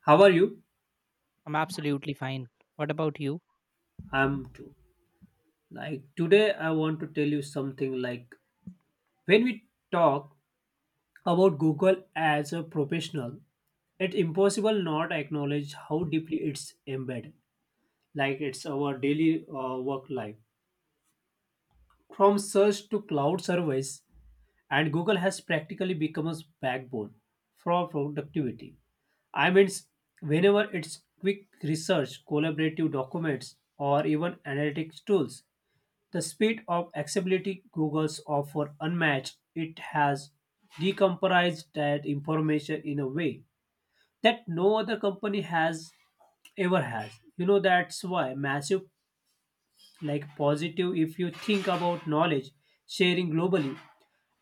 How are you? I'm absolutely fine. What about you? I'm too. Like today I want to tell you something like when we talk about Google as a professional, it's impossible not acknowledge how deeply it's embedded. Like it's our daily work life. From search to cloud service and Google has practically become a backbone for productivity. I mean, s- Whenever it's quick research, collaborative documents, or even analytics tools, the speed of accessibility Google's offer unmatched. It has decompressed that information in a way that no other company has ever has. That's why massive like positive if you think about knowledge sharing globally.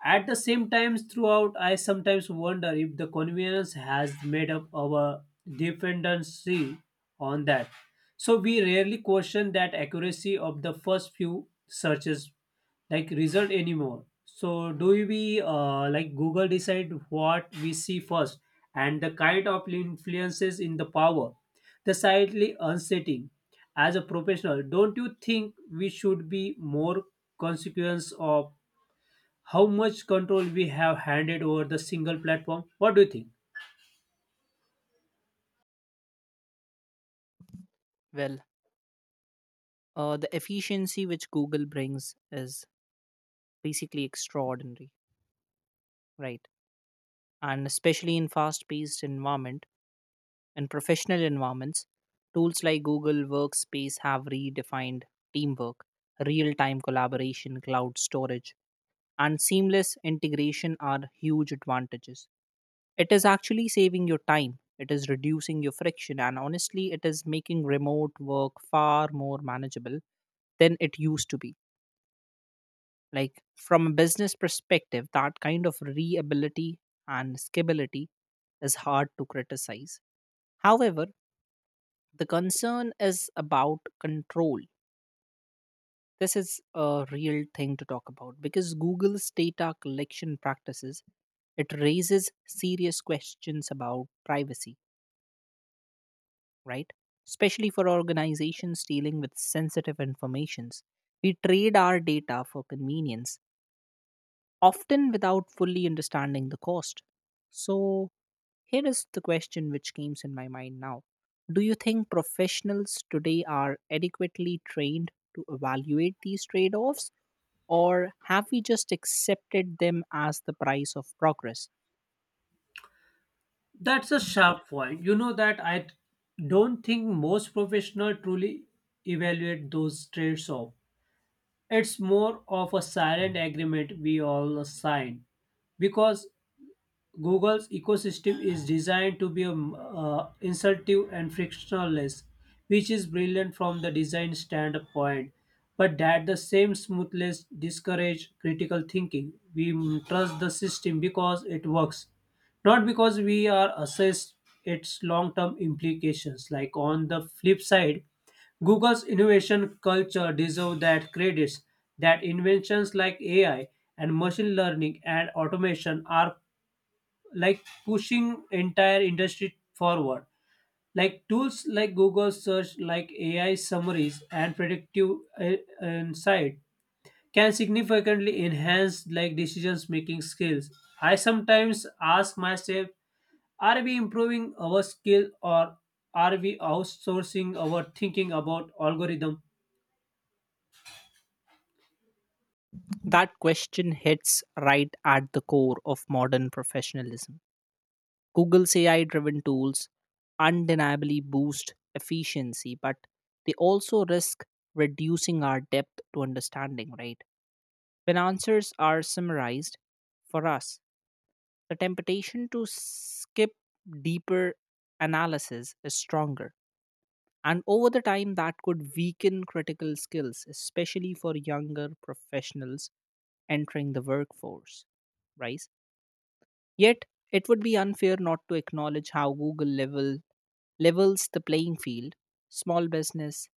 At the same time, throughout, I sometimes wonder if the convenience has made up our dependency on that. So we rarely question that accuracy of the first few searches, like result anymore. So do we like Google decide what we see first and the kind of influences in the power? Decidedly unsettling. As a professional, don't you think we should be more consequence of how much control we have handed over the single platform? What do you think? Well, the efficiency which Google brings is basically extraordinary, right? And especially in fast-paced environment, in professional environments, tools like Google Workspace have redefined teamwork, real time collaboration, cloud storage, and seamless integration are huge advantages. It is actually saving your time, it is reducing your friction, and honestly, it is making remote work far more manageable than it used to be. Like, from a business perspective, that kind of reability and scalability is hard to criticize. However, the concern is about control. This is a real thing to talk about because Google's data collection practices, it raises serious questions about privacy, right? Especially for organizations dealing with sensitive informations. We trade our data for convenience, often without fully understanding the cost. So here is the question which comes in my mind now. Do you think professionals today are adequately trained to evaluate these trade offs, or have we just accepted them as the price of progress? That's a sharp point. You know that I don't think most professional truly evaluate those trades off. It's more of a silent agreement we all sign because Google's ecosystem is designed to be insultive and frictionless, which is brilliant from the design standpoint, but that the same smoothness discourage critical thinking. We trust the system because it works, not because we are assessed its long-term implications. Like on the flip side, Google's innovation culture deserve that credits that inventions like AI and machine learning and automation are like pushing entire industry forward like tools like google search like ai summaries and predictive uh, insight can significantly enhance like decisions making skills. I sometimes ask myself, are we improving our skill or are we outsourcing our thinking about algorithm? That question hits right at the core of modern professionalism. Google's AI driven tools undeniably boost efficiency, but they also risk reducing our depth to understanding, right? When answers are summarized, for us the temptation to skip deeper analysis is stronger. And over the time, that could weaken critical skills, especially for younger professionals entering the workforce, right? Yet, it would be unfair not to acknowledge how levels the playing field. Small business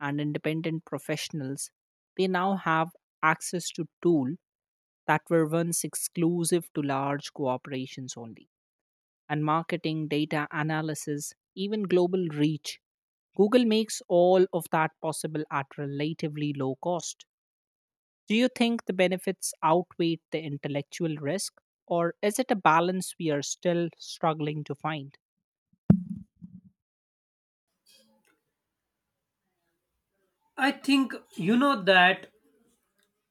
and independent professionals, they now have access to tools that were once exclusive to large corporations only and marketing, data analysis, even global reach. Google makes all of that possible at relatively low cost. Do you think the benefits outweigh the intellectual risk, or is it a balance we are still struggling to find? I think you know that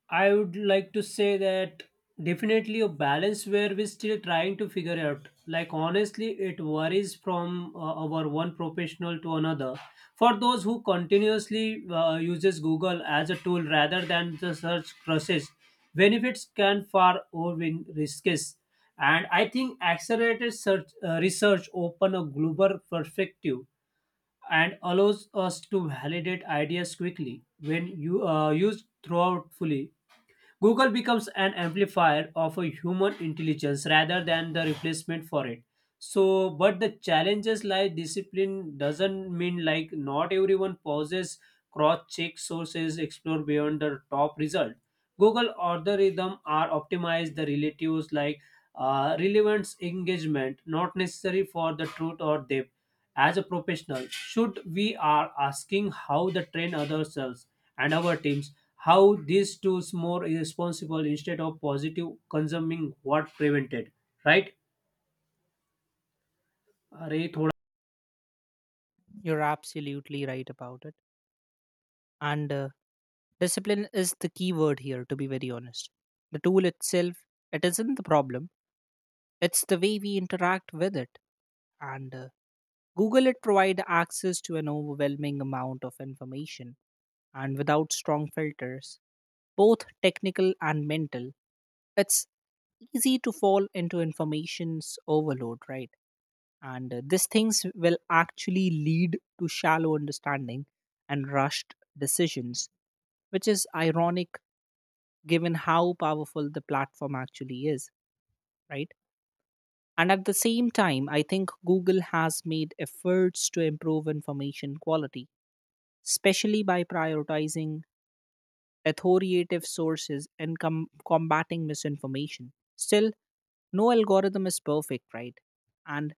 I would like to say that definitely a balance where we're still trying to figure out. Like honestly, it varies from our one professional to another. For those who continuously uses Google as a tool rather than the search process, benefits can far overwhelm risks. And I think accelerated search research open a global perspective and allows us to validate ideas quickly when you used throughout fully Google becomes an amplifier of a human intelligence rather than the replacement for it. So, but the challenges like discipline doesn't mean like not everyone pauses, cross check sources, explore beyond the top result. Google algorithm are optimized the relatives like relevance engagement, not necessary for the truth or depth. As a professional, should we are asking how the train ourselves and our teams how these two is more responsible instead of positive consuming what prevented, right? अरे थोड़ा. You're absolutely right about it. And discipline is the key word here, to be very honest. The tool itself, it isn't the problem, it's the way we interact with it. And Google, it provide access to an overwhelming amount of information and without strong filters, both technical and mental, it's easy to fall into information's overload, right? And these things will actually lead to shallow understanding and rushed decisions, which is ironic given how powerful the platform actually is, right? And at the same time, I think Google has made efforts to improve information quality, especially by prioritizing authoritative sources and combating misinformation. Still, no algorithm is perfect, right? And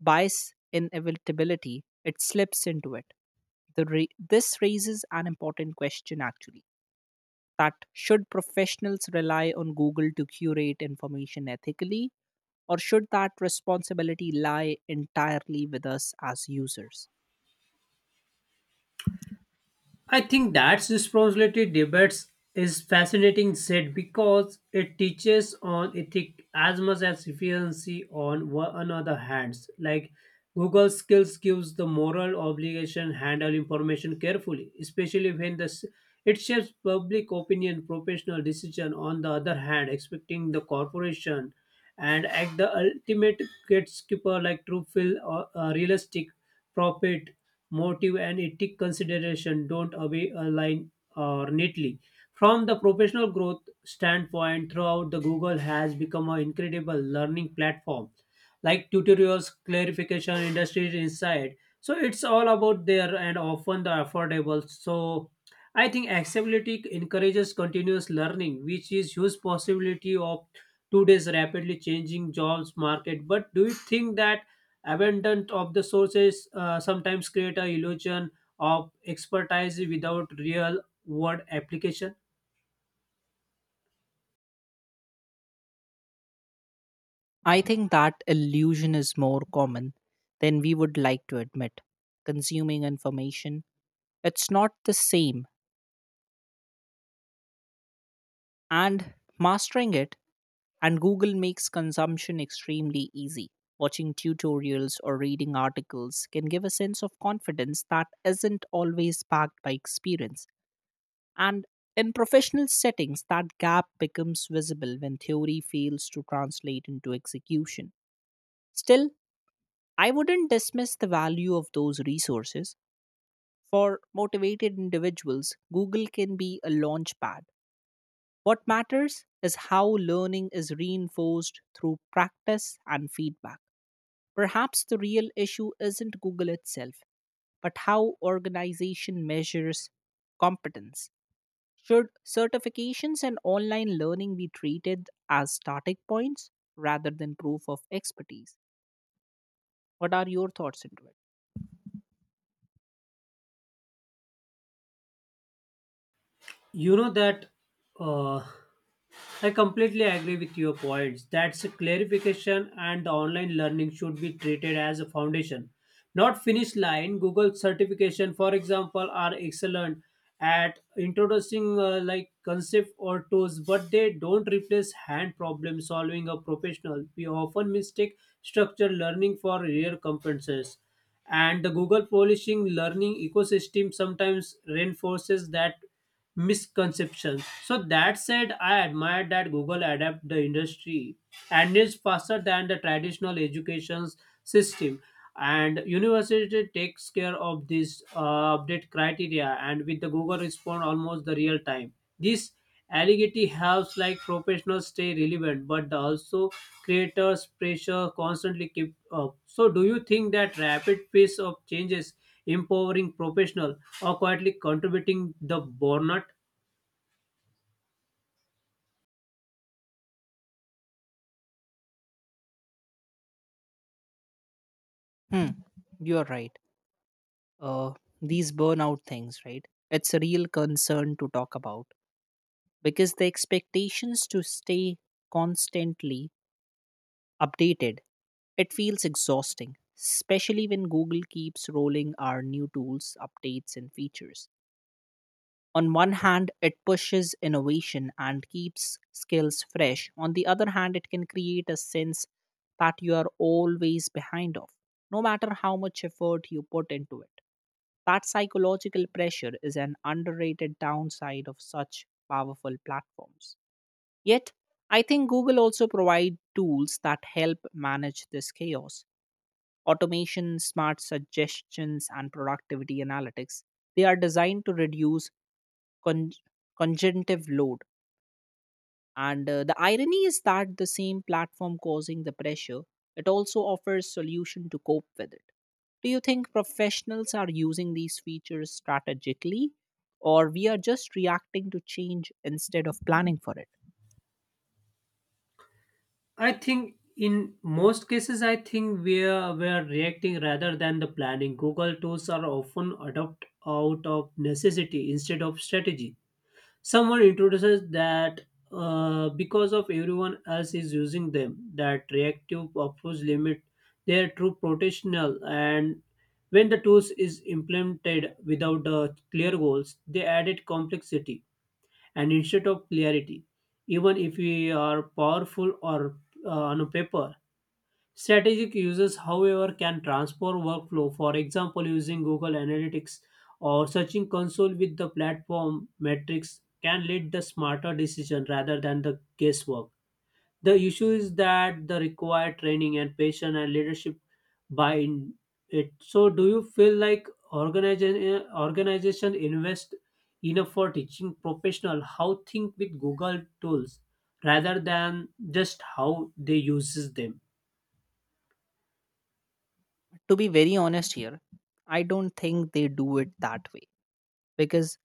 bias inevitability, it slips into it. This raises an important question actually, that should professionals rely on Google to curate information ethically, or should that responsibility lie entirely with us as users? I think that's responsibility debates is fascinating said because it teaches on ethic as much as efficiency on one another hands. Like Google skills gives the moral obligation handle information carefully, especially when the it shapes public opinion, professional decision. On the other hand, expecting the corporation and act the ultimate gatekeeper like true feel or realistic profit motive and ethic consideration don't away align or neatly. From the professional growth standpoint, throughout the Google has become an incredible learning platform, like tutorials, clarification, industry insight. So it's all about there and often the affordable. So I think accessibility encourages continuous learning, which is huge possibility of today's rapidly changing jobs market. But do you think that abandonment of the sources sometimes create a illusion of expertise without real world application? I think that illusion is more common than we would like to admit. Consuming information, it's not the same, and mastering it, and Google makes consumption extremely easy. Watching tutorials or reading articles can give a sense of confidence that isn't always backed by experience. And in professional settings, that gap becomes visible when theory fails to translate into execution. Still, I wouldn't dismiss the value of those resources. For motivated individuals, Google can be a launchpad. What matters is how learning is reinforced through practice and feedback. Perhaps the real issue isn't Google itself, but how organization measures competence. Should certifications and online learning be treated as starting points rather than proof of expertise? What are your thoughts into it? You know that uh, I completely agree with your points. That's a clarification, and the online learning should be treated as a foundation, not finish line. Google certification, for example, are excellent at introducing like concept or tools, but they don't replace hand problem solving a professional. We often mistake structured learning for real competences and the google polishing learning ecosystem sometimes reinforces that misconception. So that said, I admire that google adapt the industry and is faster than the traditional education system and university takes care of this update criteria and with the google respond almost the real time. This allegedly helps like professionals stay relevant, but also creators pressure constantly keep up. So, do you think that rapid pace of changes empowering professional or quietly contributing the burnout? Hmm, you're right, uh, these burnout things, right? It's a real concern to talk about because the expectations to stay constantly updated, it feels exhausting, especially when Google keeps rolling our new tools, updates, and features. On one hand, it pushes innovation and keeps skills fresh. On the other hand, it can create a sense that you are always behind of, no matter how much effort you put into it. That psychological pressure is an underrated downside of such powerful platforms. Yet, I think Google also provide tools that help manage this chaos. Automation, smart suggestions, and productivity analytics. They are designed to reduce con- conjunctive load, and the irony is that the same platform causing the pressure, it also offers solution to cope with it. Do you think professionals are using these features strategically or we are just reacting to change instead of planning for it? I think in most cases, I think we are reacting rather than the planning. Google tools are often adopted out of necessity instead of strategy. Someone introduces that because of everyone else is using them, that reactive purpose limit their true potential. And when the tools is implemented without clear goals, they added complexity and instead of clarity. Even if we are powerful or on a paper, strategic users, however, can transform workflow, for example, using Google Analytics or Searching Console with the platform metrics can lead the smarter decision rather than the guesswork. The issue is that the required training and patience and leadership by in it. So, do you feel like organization invest enough for teaching professional how think with Google tools rather than just how they uses them? To be very honest here, I don't think they do it that way because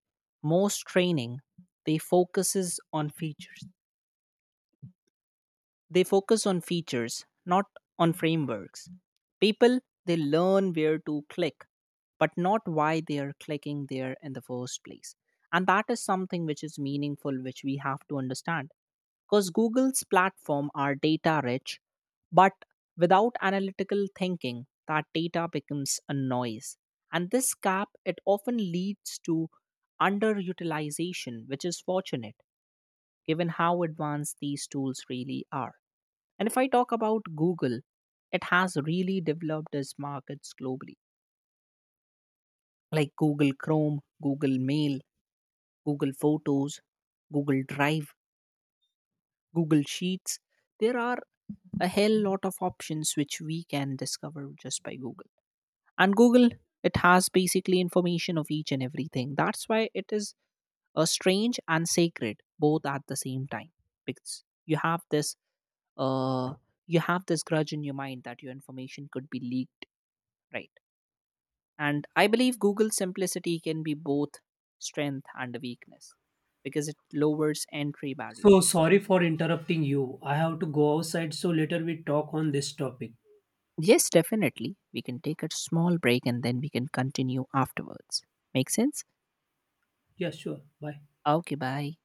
most training they focuses on features they focus on features, not on frameworks. People, they learn where to click, but not why they are clicking there in the first place. And that is something which is meaningful, which we have to understand. Because Google's platform are data rich, but without analytical thinking, that data becomes a noise. And this gap, it often leads to underutilization, which is fortunate given how advanced these tools really are. And if I talk about Google, it has really developed its markets globally, like Google Chrome, Google Mail, Google Photos, Google Drive, Google Sheets. There are a hell lot of options which we can discover just by Google. And Google, it has basically information of each and everything. That's why it is a strange and sacred both at the same time because uh you have this grudge in your mind that your information could be leaked, right? And I believe Google's simplicity can be both strength and a weakness because it lowers entry So barriers. sorry for interrupting you. I have to go outside, so later we talk on this topic. Yes, definitely. We can take a small break and then we can continue afterwards. Make sense? Yeah, sure. Bye. Okay, bye.